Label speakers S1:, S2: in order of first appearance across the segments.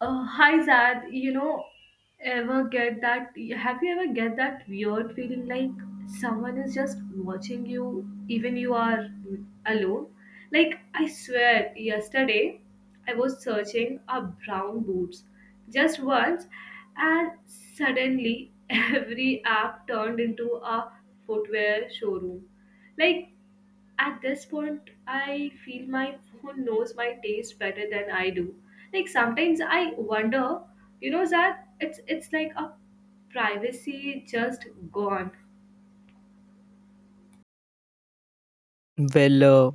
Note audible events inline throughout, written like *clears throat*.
S1: Hi Zad, you know, ever get that? Have you ever get that weird feeling like someone is just watching you, even you are alone? Like I swear, yesterday I was searching up brown boots just once, and suddenly *laughs* every app turned into a footwear showroom. Like at this point, I feel my phone knows my taste better than I do. Like sometimes I wonder, you know, that it's like a privacy just gone.
S2: Well, uh,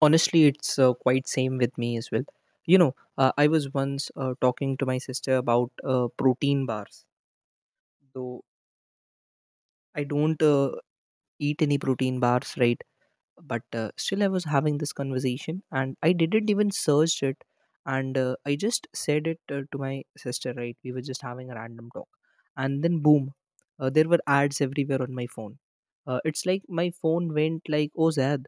S2: Honestly, it's quite same with me as well. You know, I was once talking to my sister about protein bars. Though I don't eat any protein bars, right? But still, I was having this conversation, and I didn't even search it, and I just said it to my sister, right? We were just having a random talk, and then boom, there were ads everywhere on my phone. It's like my phone went like, "Oh, Zad,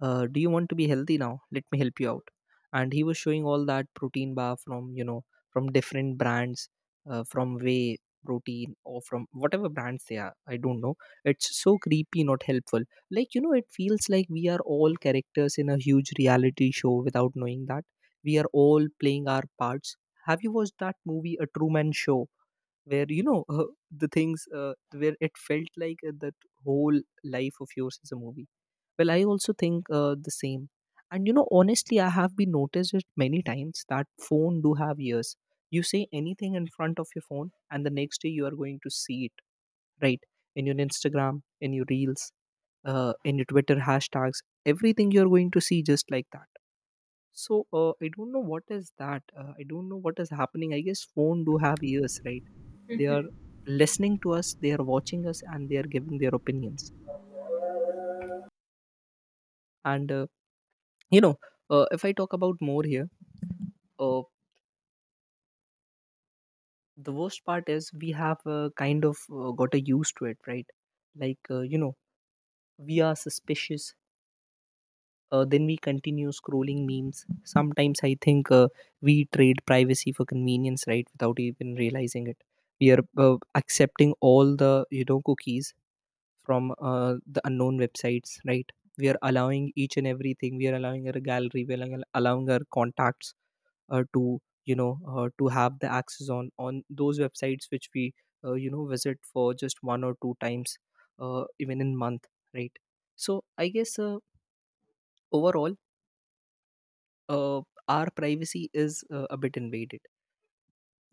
S2: do you want to be healthy? Now let me help you out." And he was showing all that protein bar, from from different brands, from whey protein or from whatever brands they are, I don't know. It's so creepy, not helpful. Like, it feels like we are all characters in a huge reality show without knowing that we are all playing our parts. Have you watched that movie, A Truman Show, where the things, where it felt like that whole life of yours is a movie? Well, I also think the same. And you know, honestly, I have been noticed it many times that phone do have ears. You say anything in front of your phone and the next day you are going to see it, right? In your Instagram, in your reels, in your Twitter hashtags, everything you are going to see just like that. So I don't know what is that. I don't know what is happening. I guess phone do have ears, right? They are listening to us, they are watching us, and they are giving their opinions. And uh, you know, if I talk about more here, uh, the worst part is we have kind of got a used to it, right? Like uh, you know, we are suspicious. Then we continue scrolling memes. Sometimes I think we trade privacy for convenience, right? Without even realizing it, we are accepting all the cookies from the unknown websites, right? We are allowing each and everything. We are allowing our gallery. We are allowing our contacts to you know to have the access on those websites which we uh, visit for just one or two times, even in month, right? So I guess overall, uh, our privacy is a bit invaded,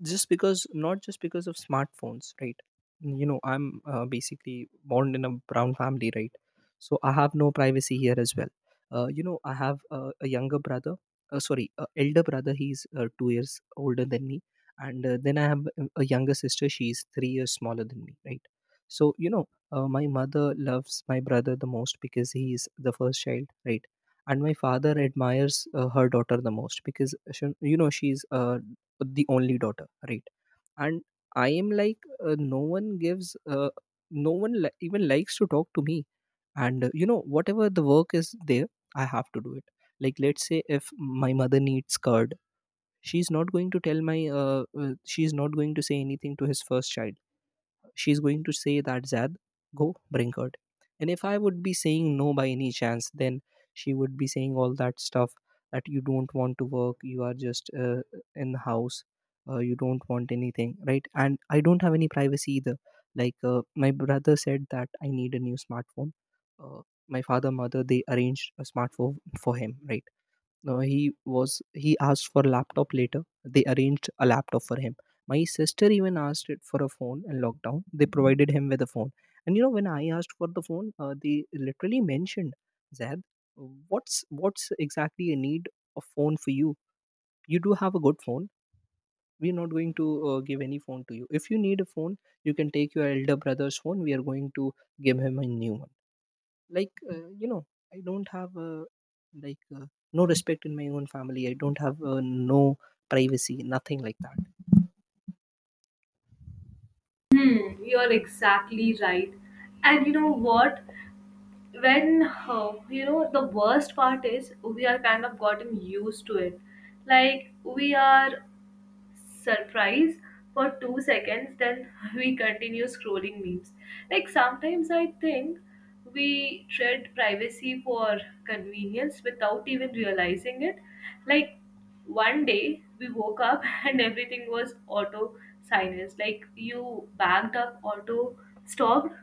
S2: just because not just because of smartphones, right? You know, I'm basically born in a brown family, right? So I have no privacy here as well. You know, I have a younger brother, sorry, elder brother. He's 2 years older than me, and then I have a younger sister. She's 3 years smaller than me, right? So you know, my mother loves my brother the most because he is the first child, right? And my father admires her daughter the most because she, you know, she's the only daughter, right? And I am like, no one gives, no one even likes to talk to me. And uh, whatever the work is there, I have to do it. Like let's say if my mother needs curd, she's not going to tell my she's not going to say anything to his first child. She's going to say that, "Zad, go bring her." And if I would be saying no by any chance, then she would be saying all that stuff that, "You don't want to work, you are just in the house, you don't want anything," right? And I don't have any privacy either. Like my brother said that, "I need a new smartphone." uh, my father, mother, they arranged a smartphone for him, right? No, he was, he asked for laptop later. They arranged a laptop for him. My sister even asked it for a phone in lockdown. They provided him with a phone. And you know, when I asked for the phone, they literally mentioned, "Zed, what's exactly a need of phone for you? You do have a good phone. We're not going to give any phone to you. If you need a phone, you can take your elder brother's phone. We are going to give him a new one." Like, I don't have, like uh, no respect in my own family. I don't have, no privacy, nothing like that.
S1: Hmm, you're exactly right. And you know what, when you know, the worst part is we are kind of gotten used to it. Like we are surprise for 2 seconds, then *laughs* we continue scrolling memes. Like sometimes I think we trade privacy for convenience without even realizing it. Like one day we woke up *laughs* and everything was auto silence. Like you backed up, auto stopped.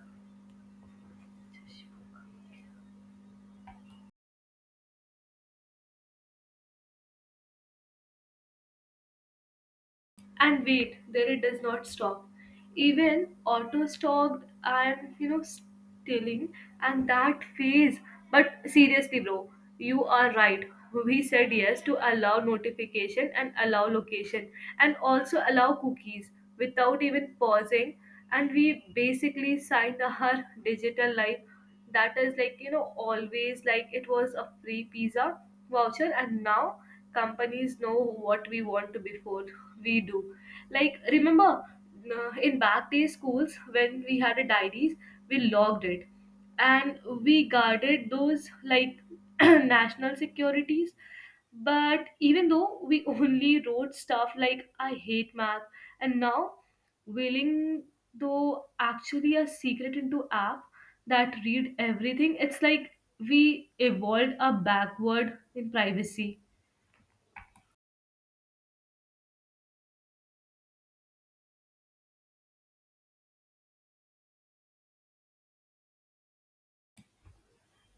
S1: And wait, there it does not stop. Even auto stopped and you know stealing and that phase. But seriously, bro, you are right. We said yes to allow notification and allow location and also allow cookies without even pausing. And we basically signed our *laughs* digital life, that is like, you know, always, like it was a free pizza voucher, and now companies know what we want to before we do. Like remember in back day schools when we had a diaries, we logged it and we guarded those like *clears throat* national securities, but even though we only wrote stuff like I hate math. And now willing though actually a secret into app that read everything. It's like we evolved a backward in privacy.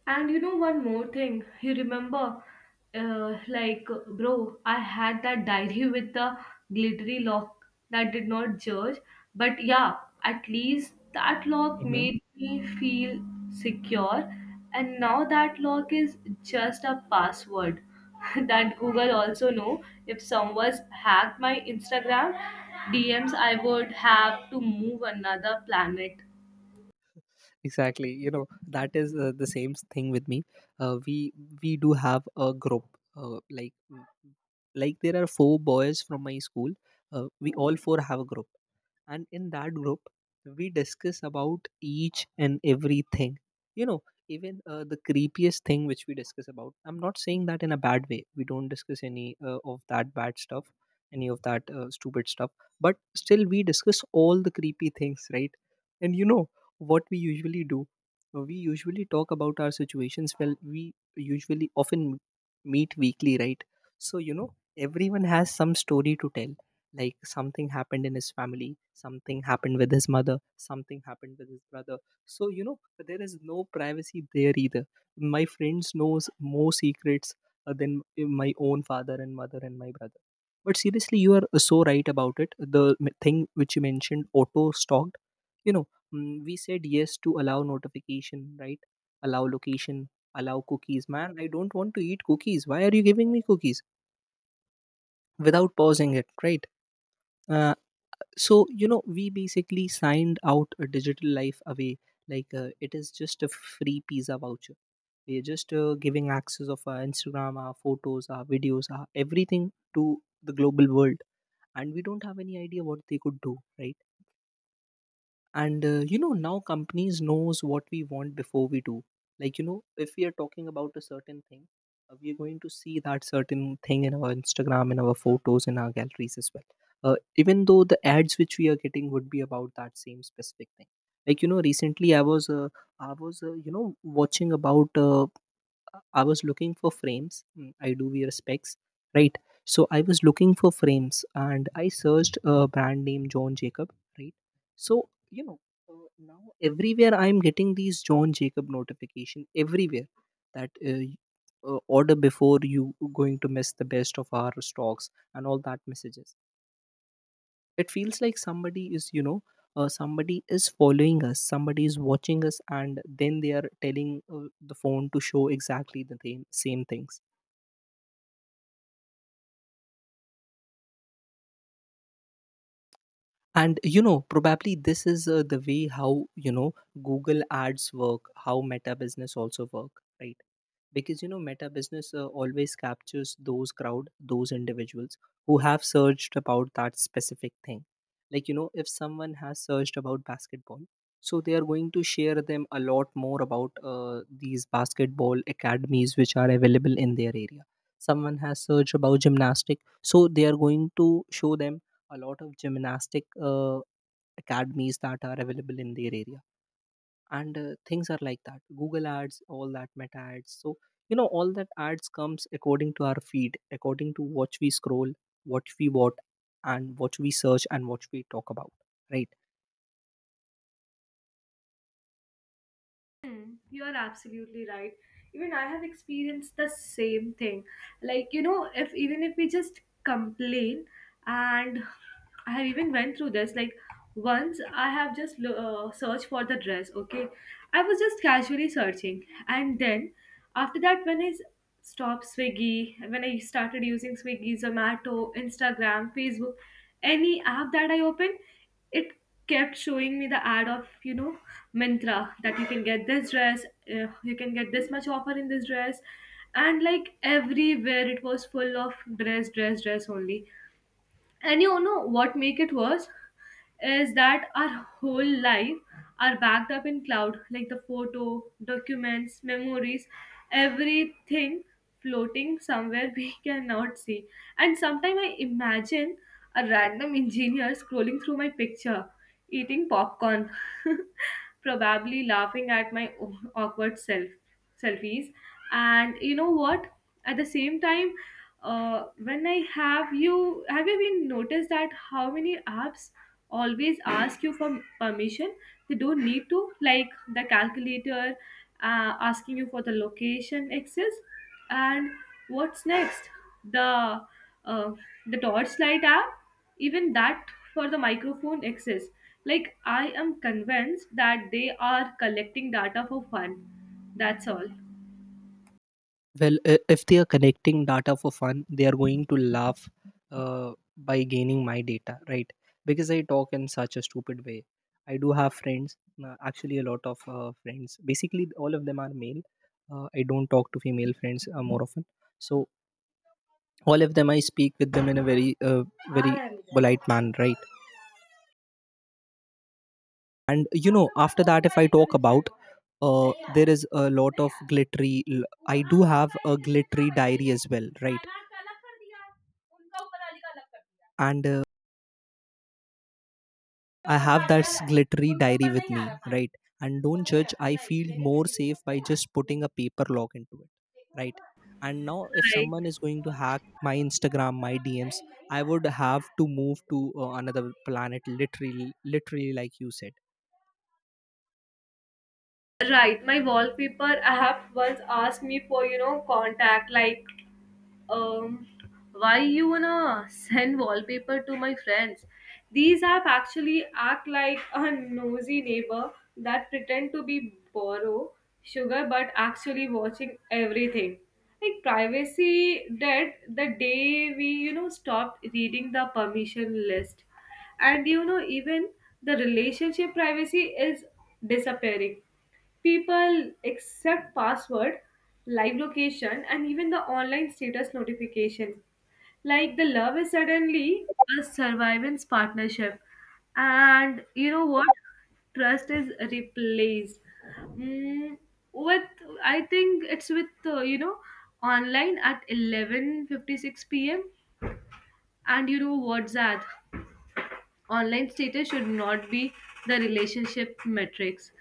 S1: And you know one more thing, you remember, like bro, I had that diary with the glittery lock that did not judge, but yeah, at least that lock
S2: Hmm.
S1: made me feel secure, and now that lock is just a password *laughs* that Google also know. If someone's hacked my Instagram DMs, I would have to move another planet.
S2: Exactly, you know, that is the same thing with me. uh, we we do have a group, uh, like like there are four boys from my school. We all four have a group, and in that group we discuss about each and everything. You know, even the creepiest thing which we discuss about, I'm not saying that in a bad way. We don't discuss any of that bad stuff, any of that stupid stuff. But still we discuss all the creepy things, right? And you know what we usually do? We usually talk about our situations. Well, we usually often meet weekly, right? So you know, everyone has some story to tell, like something happened in his family, something happened with his mother, something happened with his brother. So you know, there is no privacy there either. My friends knows more secrets than my own father and mother and my brother. But seriously, you are so right about it, the thing which you mentioned, auto stalked. You know, mm, we said yes to allow notification, right? Allow location, allow cookies. Man, I don't want to eat cookies. Why are you giving me cookies? Without pausing it, right? uh, so you know, we basically signed out a digital life away. Like it is just a free pizza voucher. We are just giving access of our Instagram, our photos, our videos, our everything to the global world, and we don't have any idea what they could do, right? And you know, now companies knows what we want before we do. Like you know, if we are talking about a certain thing, we are going to see that certain thing in our Instagram, in our photos, in our galleries as well. Even though the ads which we are getting would be about that same specific thing. Like you know, recently I was uh, watching about I was looking for frames. Mm, I do wear specs, right? So I was looking for frames and I searched a brand name, John Jacob, right? So you know, now everywhere I'm getting these John Jacob notification everywhere, that order before you going to miss the best of our stocks and all that messages. It feels like somebody is, you know, somebody is following us, somebody is watching us, and then they are telling the phone to show exactly same things. And you know, probably this is the way how, you know, Google ads work, how Meta business also work, right? Because you know, Meta business always captures those crowd, those individuals who have searched about that specific thing. Like you know, if someone has searched about basketball, so they are going to share them a lot more about these basketball academies which are available in their area. Someone has searched about gymnastic, so they are going to show them a lot of gymnastic academies that are available in their area. And things are like that, Google ads, all that Meta ads. So you know, all that ads comes according to our feed, according to what we scroll, what we watch, and what we search and what we talk about, right?
S1: Hmm, you are absolutely right. Even I have experienced the same thing. Like, you know, if even if we just complain, and I have even went through this. Like, once I have just searched for the dress, okay? I was just casually searching. And then after that, when stopped Swiggy, when I started using Swiggy, Zomato, Instagram, Facebook, any app that I open, it kept showing me the ad of, you know, Myntra, that you can get this dress, you can get this much offer in this dress, and like everywhere it was full of dress, dress, dress only. And you know what make it worse is that our whole life are backed up in cloud, like the photo, documents, memories, everything floating somewhere *laughs* we cannot see. And sometimes I imagine a random engineer scrolling through my picture, eating popcorn, *laughs* probably laughing at my awkward self selfies. And you know what? At the same time, when I have you been noticed that how many apps always ask you for permission? They don't need to, like the calculator asking you for the location access, and what's next? The uh, the torchlight app, even that for the microphone access. Like I am convinced that they are collecting data for fun. That's all.
S2: Well, if they are connecting data for fun, they are going to laugh by gaining my data, right? Because I talk in such a stupid way. I do have friends, actually, a lot of friends. Basically, all of them are male. I don't talk to female friends more often. So, all of them, I speak with them in a very, very polite manner, right? And you know, after that, if I talk about, there is a lot of glittery. I do have a glittery diary as well, right? And I have that glittery diary with me, right? And don't judge, I feel more safe by just putting a paper log into it, right? And now if
S1: Right.
S2: someone is going to hack my Instagram, my DMs, I would have to move to another planet, literally. Literally, like you said.
S1: Right, my wallpaper app once asked me for, you know, contact like, um why you wanna send wallpaper to my friends? These app actually act like a nosy neighbor that pretend to be borrow sugar but actually watching everything. Like privacy dead the day we, you know, stopped reading the permission list, and you know even the relationship privacy is disappearing. People accept password, live location, and even the online status notification. Like the love is suddenly a survivance partnership. And you know what? Trust is replaced. Mm, with, I think it's with you know, online at 11:56 p.m. And you know WhatsApp online status should not be the relationship metrics.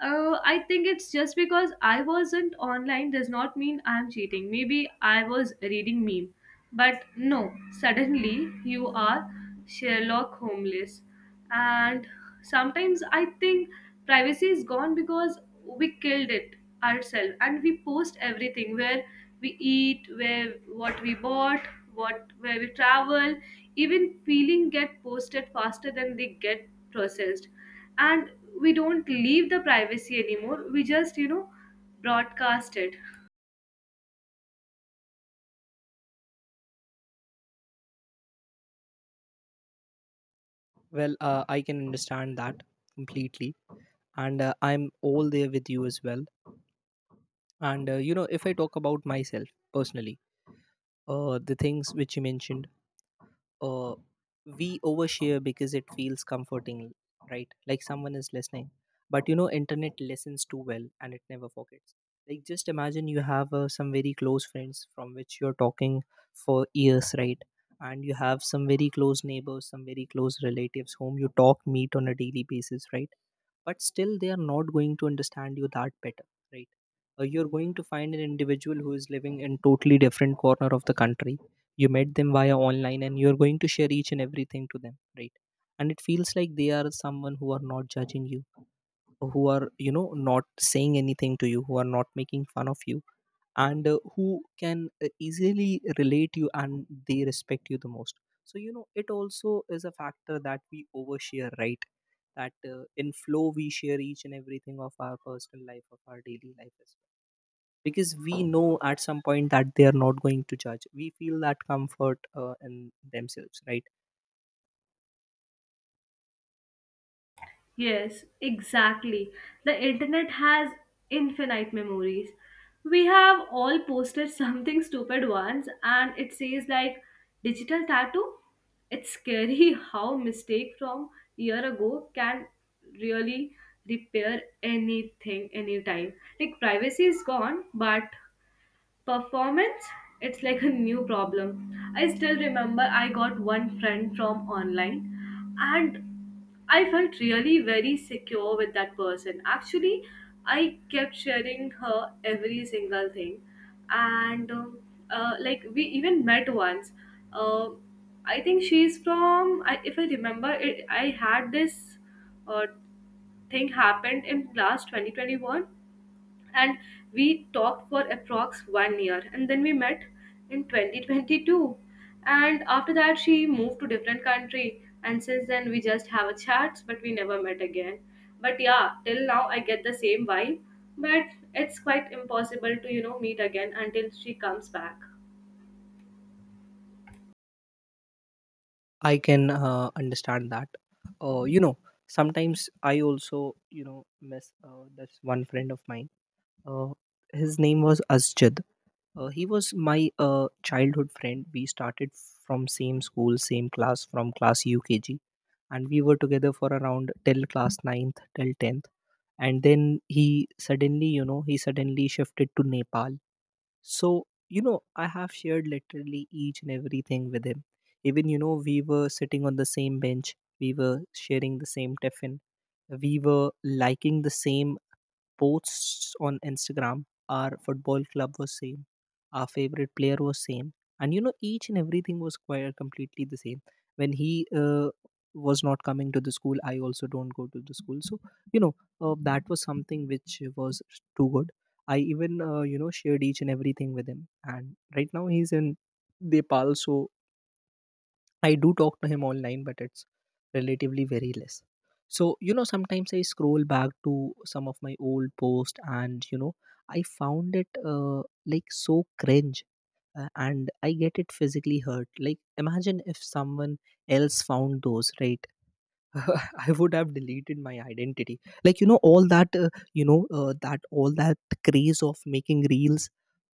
S1: I think it's just because I wasn't online does not mean I'm cheating. Maybe I was reading meme, but no, suddenly you are Sherlock Holmes. And sometimes I think privacy is gone because we killed it ourselves, and we post everything, where we eat, where what we bought, what where we travel, even feeling get posted faster than they get processed. And we don't leave the privacy anymore, we just, you know, broadcast it.
S2: Well, I can understand that completely, and I'm all there with you as well. And you know, if I talk about myself personally, the things which you mentioned, uh, we overshare because it feels comforting, right? Like someone is listening. But you know, internet listens too well and it never forgets. Like, just imagine you have some very close friends from which you're talking for years, right? And you have some very close neighbors, some very close relatives whom you talk, meet on a daily basis, right? But still they are not going to understand you that better, right? You're going to find an individual who is living in totally different corner of the country. You met them via online and you're going to share each and everything to them, right? And it feels like they are someone who are not judging you, who are, you know, not saying anything to you, who are not making fun of you, and who can easily relate you, and they respect you the most. So you know, it also is a factor that we overshare, right? That in flow we share each and everything of our personal life, of our daily life as well, because we know at some point that they are not going to judge. We feel that comfort in themselves, right?
S1: Yes, exactly. The internet has infinite memories. We have all posted something *laughs* stupid once and it says like digital tattoo. It's scary *laughs* how mistake from year ago can really repair anything anytime. Like privacy is gone, but performance, it's like a new problem. I still remember I got one friend from online, and I felt really very secure with that person. Actually, I kept sharing her every single thing. And like we even met once. uh, I think she's from I, if I remember it, I had this uh, thing happened in class 2021, and we talked for approx 1 year and then we met in 2022, and after that she moved to different country and since then we just have a chats but we never met again. But yeah, till now I get the same vibe, but it's quite impossible to, you know, meet again until she comes back.
S2: I can understand that. You know, sometimes I also, you know, miss this one friend of mine. uh, his name was Asjad. He was my childhood friend. We started from same school, same class, from class UKG, and we were together for around till class ninth, till tenth. And then he suddenly, you know, he suddenly shifted to Nepal. So, you know, I have shared literally each and everything with him. Even, you know, we were sitting on the same bench, we were sharing the same tiffin, we were liking the same posts on Instagram. Our football club was same, our favorite player was same, and you know, each and everything was quite completely the same. When he was not coming to the school, I also don't go to the school. So, you know, that was something which was too good. I even you know, shared each and everything with him, and right now he's in Nepal, so I do talk to him online, but it's relatively very less. So you know, sometimes I scroll back to some of my old posts, and you know, I found it like, so cringe, and I get it physically hurt. Like, imagine if someone else found those, right? *laughs* I would have deleted my identity. Like, you know, all that all that craze of making reels,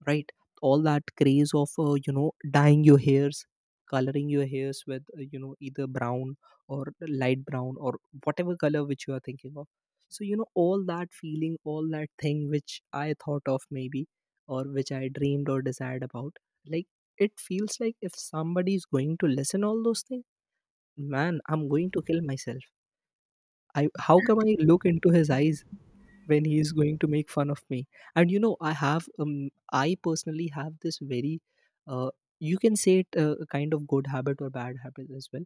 S2: right? All that craze of you know, dyeing your hairs, coloring your hairs with you know, either brown or light brown or whatever color which you are thinking of. So you know, all that feeling, all that thing which I thought of, maybe, or which I dreamed or desired about, like, it feels like if somebody is going to listen all those things, man, I'm going to kill myself. I how come I look into his eyes when he is going to make fun of me? And you know, I have I personally have this very, uh, you can say it a kind of good habit or bad habit as well.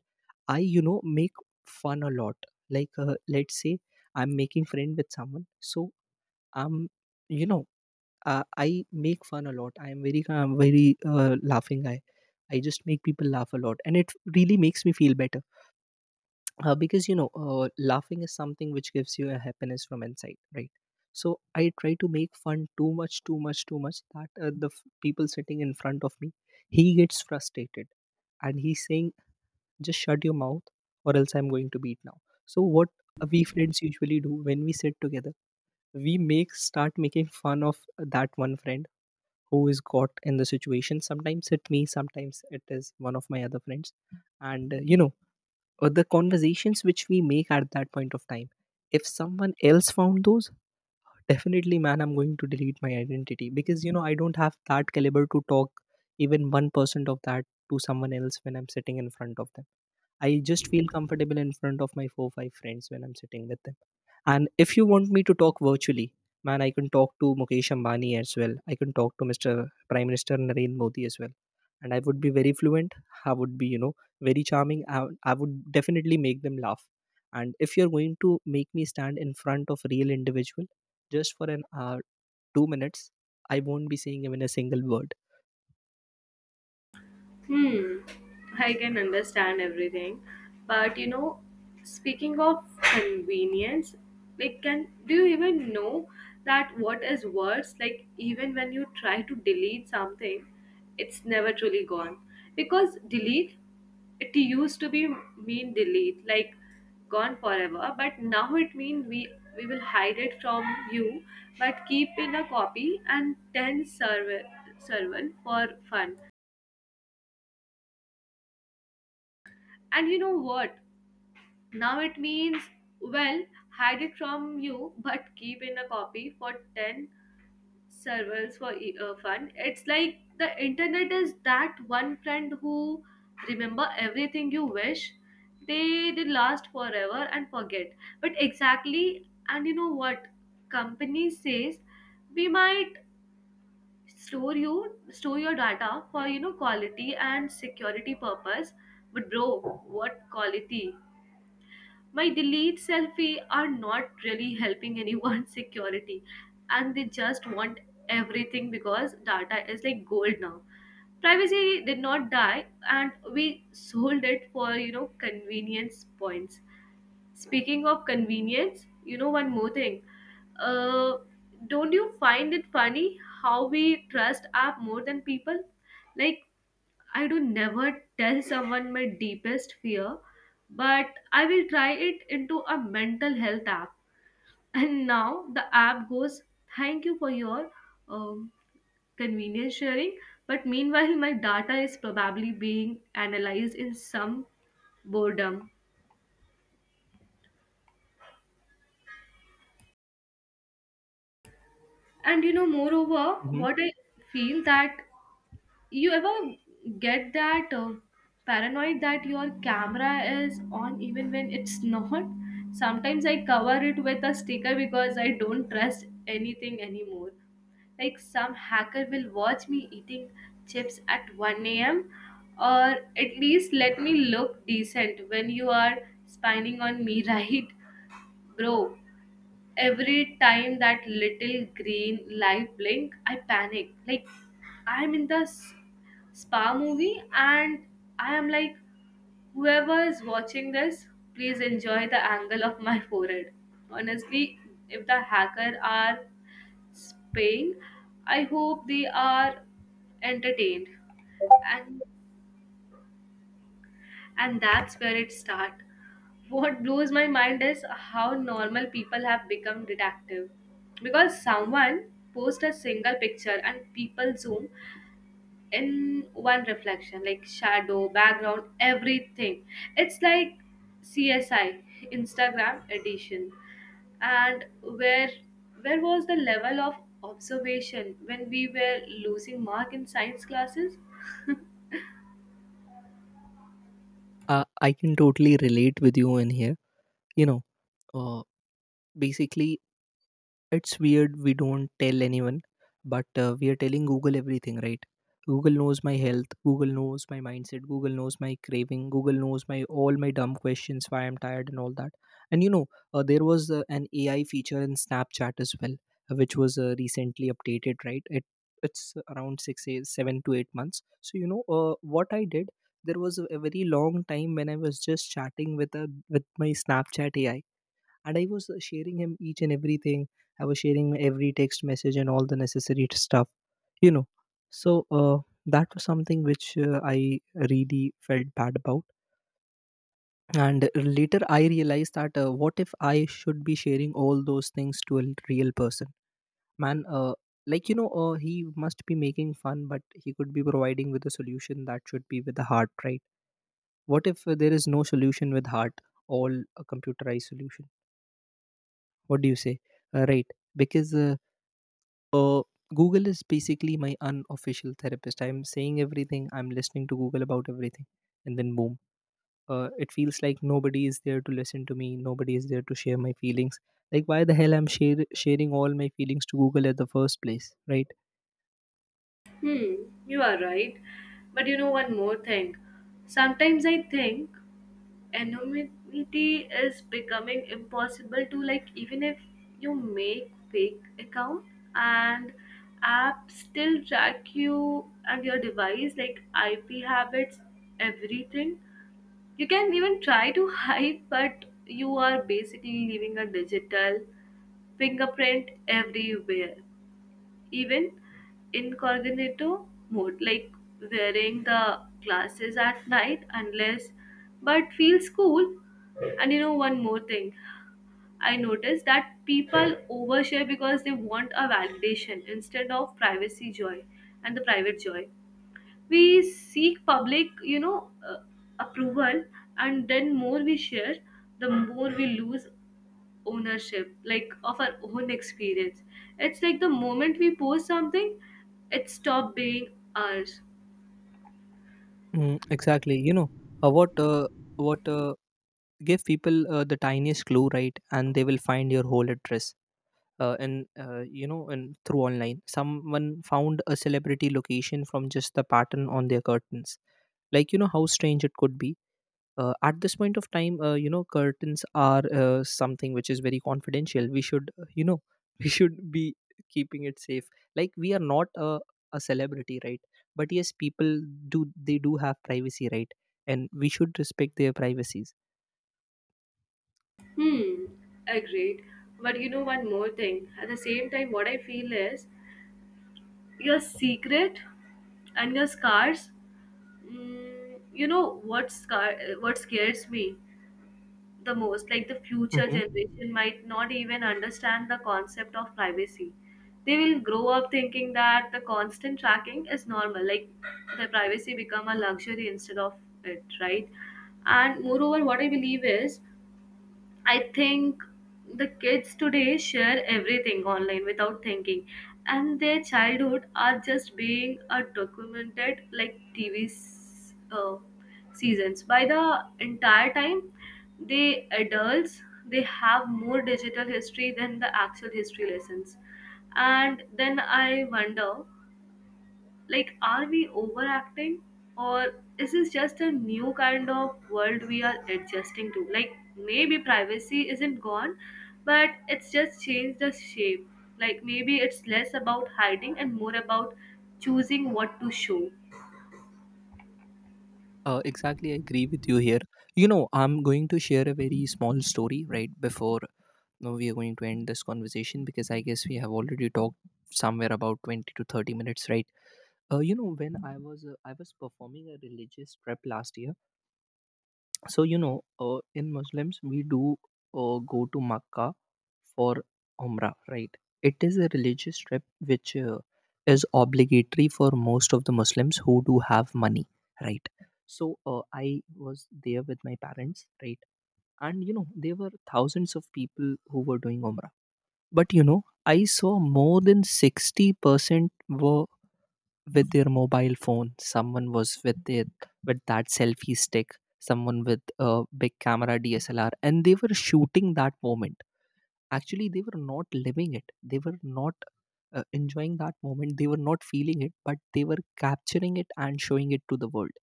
S2: I, you know, make fun a lot. Like let's say I'm making friend with someone, so I'm you know I make fun a lot. I'm very laughing guy. I just make people laugh a lot, and it really makes me feel better because you know, laughing is something which gives you a happiness from inside, right? So I try to make fun too much, too much, too much, that the people sitting in front of me, he gets frustrated and he's saying, just shut your mouth or else I'm going to beat now. So what we friends usually do when we sit together, we make start making fun of that one friend who is got in the situation. Sometimes it me, sometimes it is one of my other friends. And you know, or the conversations which we make at that point of time, if someone else found those, definitely, man, I'm going to delete my identity, because you know, I don't have that caliber to talk even 1% of that to someone else when I'm sitting in front of them. I just feel comfortable in front of my 4, 5 friends when I'm sitting with them. And if you want me to talk virtually, man, I can talk to Mukesh Ambani as well. I can talk to Mr. Prime Minister Narendra Modi as well. And I would be very fluent. I would be, you know, very charming. I would definitely make them laugh. And if you're going to make me stand in front of real individual just for an hour, 2 minutes, I won't be saying even a single word.
S1: Hmm, I can understand everything, but you know, speaking of convenience, like, can do you even know that what is worse? Like, even when you try to delete something, it's never truly gone, because delete, it used to be mean delete like gone forever, but now it mean we will hide it from you but keep in a copy and 10 server servant for fun. And you know what? Now it means, well, hide it from you, but keep in a copy for 10 servers for fun. It's like the internet is that one friend who remember everything you wish they did last forever and forget. But exactly, and you know what? Company says we might store your data for, you know, quality and security purpose, but bro, what quality? My delete selfie are not really helping anyone's *laughs* security, and they just want everything because data is like gold now. Privacy did not die, and we sold it for, you know, convenience points. Speaking of convenience, you know one more thing, uh, don't you find it funny how we trust app more than people? Like, I do never tell someone my deepest fear, but I will try it into a mental health app. And now the app goes, thank you for your um, convenience sharing. But meanwhile, my data is probably being analyzed in some boredom. And you know, moreover,
S2: Mhm.
S1: what I feel that, you ever get that paranoid that your camera is on even when it's *laughs* not? Sometimes I cover it with a sticker because I don't trust anything anymore. Like some hacker will watch me eating chips at 1 a.m., or at least let me look decent when you are spying on me, *laughs* right? Bro, every time that little green light blink, I panic. Like I'm in the spa movie and I am like, whoever is watching this, please enjoy the angle of my forehead. Honestly, if the hacker are spaying, I hope they are entertained. and and that's where it start. What blows my mind is how normal people have become detective, because someone post a single picture and people zoom in one reflection like shadow, background, everything. It's like CSI Instagram edition. And where was the level of observation when we were losing mark in science classes? *laughs*
S2: I can totally relate with you in here. You know, uh, basically, it's weird we don't tell anyone, but we are telling Google everything, right? Google knows my health, Google knows my mindset, Google knows my craving, Google knows my all my dumb questions, why I'm tired and all that. And you know, there was an AI feature in Snapchat as well, which was recently updated, right? It's around six, eight, 7 to 8 months. So you know, what I did, there was a very long time when I was just chatting with a, with my Snapchat AI, and I was sharing him each and everything. I was sharing my every text message and all the necessary stuff, you know. So uh, that was something which I really felt bad about. And later I realized that what if I should be sharing all those things to a real person? Man, like, you know, he must be making fun, but he could be providing with a solution that should be with the heart, right? What if there is no solution with heart, all a computerized solution? What do you say? Right? Because Uh, Google is basically my unofficial therapist. I'm saying everything, I'm listening to Google about everything, and then boom. It feels like nobody is there to listen to me, nobody is there to share my feelings. Like, why the hell I'm sharing all my feelings to Google at the first place, right?
S1: Hmm, you are right, but you know one more thing, sometimes I think anonymity is becoming impossible to. Like, even if you make fake account, and app still track you and your device like IP, habits, everything. You can even try to *laughs* hide, but you are basically leaving a digital fingerprint everywhere, even incognito mode, like wearing the glasses at night, unless, but feels cool. And you know, one more thing I noticed, that people overshare because they want a validation instead of privacy joy and the private joy. We seek public, you know, approval, and then more we share, the more we lose ownership like of our own experience. It's like the moment we post something, it stopped being ours.
S2: Mm, exactly. You know, uh, what, uh, what, uh, give people the tiniest clue, right? And they will find your whole address. And you know, and through online, someone found a celebrity location from just the pattern on their curtains. Like, you know how strange it could be? At this point of time, you know, curtains are something which is very confidential, we should you know, *laughs* we should be keeping it safe. Like, we are not a, a celebrity, right? But yes, people do, they do have privacy, right? And we should respect their privacies.
S1: Hmm, agreed, but you know one more thing at the same time, what I feel is your secret and your scars. Mm, what scares me the most, like the future
S2: Mhm.
S1: generation might not even understand the concept of privacy. They will grow up thinking that the constant tracking is normal. Like the privacy become a luxury instead of it, right? And moreover, what I believe is, I think the kids today share everything online without thinking, and their childhood are just being documented like TV's seasons. By the entire time, the adults, they have more digital history than the actual history lessons. And then I wonder, like, are we overacting, or is this just a new kind of world we are adjusting to? Like, maybe privacy isn't gone, but it's just changed the shape. Like, maybe it's less about hiding and more about choosing what to show.
S2: Exactly, I agree with you here. You know, I'm going to share a very small story right before you we are going to end this conversation, because I guess we have already talked somewhere about 20 to 30 minutes, right? You know, when I was performing a religious prep last year. So you know, in Muslims we do go to Makkah for Umrah, right? It is a religious trip which is obligatory for most of the Muslims who do have money, right? So I was there with my parents, right? And you know, there were thousands of people who were doing Umrah. But you know, I saw more than 60% were with their mobile phone. Someone was with their, with that selfie stick, someone with a big camera DSLR, and they were shooting that moment. Actually, they were not living it. They were not enjoying that moment. They were not feeling it, but they were capturing it and showing it to the world.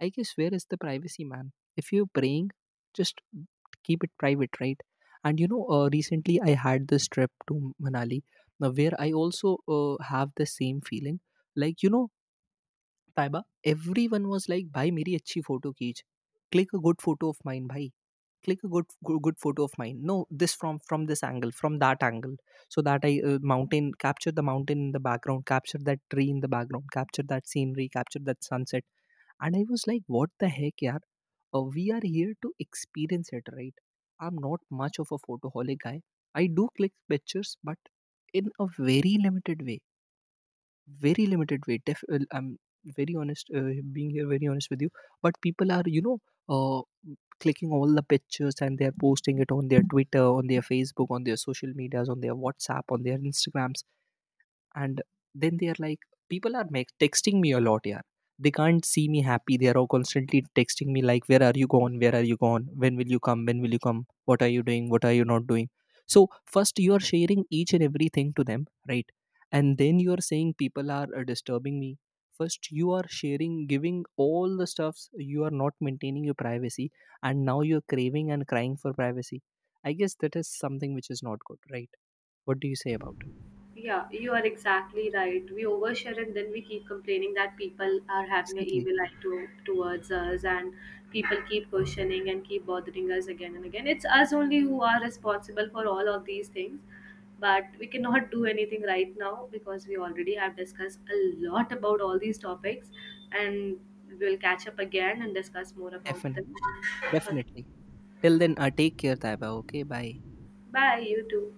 S2: I guess, where is the privacy, man? If you're praying, just keep it private, right? And you know, recently I had this trip to Manali, now where I also have the same feeling. Like you know, Taiba everyone was like भाई मेरी अच्छी photo खींच, click a good photo of mine भाई, click a good photo of mine, no, this from this angle, from that angle, so that I, mountain, capture the mountain in the background, capture that tree in the background, capture that scenery, capture that sunset. And I was like, what the heck यार, we are here to experience it right. I am not much of a photoholic guy. I do click pictures but in a very limited way, very limited way, I'm very honest, being here very honest with you, but people are, you know, uh, clicking all the pictures, and they're posting it on their Twitter, on their Facebook, on their social medias, on their WhatsApp, on their Instagrams, and then they are like, people are texting me a lot, yeah, they can't see me happy, they are all constantly texting me like, where are you gone, where are you gone, when will you come, when will you come, what are you doing, what are you not doing. So first you are sharing each and everything to them, right? And then you are saying people are disturbing me. First you are sharing, giving all the stuffs, you are not maintaining your privacy, and now you're craving and crying for privacy. I guess that is something which is not good, right? What do you say about it?
S1: Yeah, you are exactly right. We overshare and then we keep complaining that people are having an
S2: Exactly.
S1: evil eye to, towards us, and people keep questioning and keep bothering us again and again. It's us only who are responsible for all of these things, but we cannot do anything right now because we already have discussed a lot about all these topics, and we'll catch up again and discuss more about
S2: Definitely.
S1: them. Okay,
S2: Definitely. Till then, take care, Taiba. Okay, bye.
S1: bye, you too.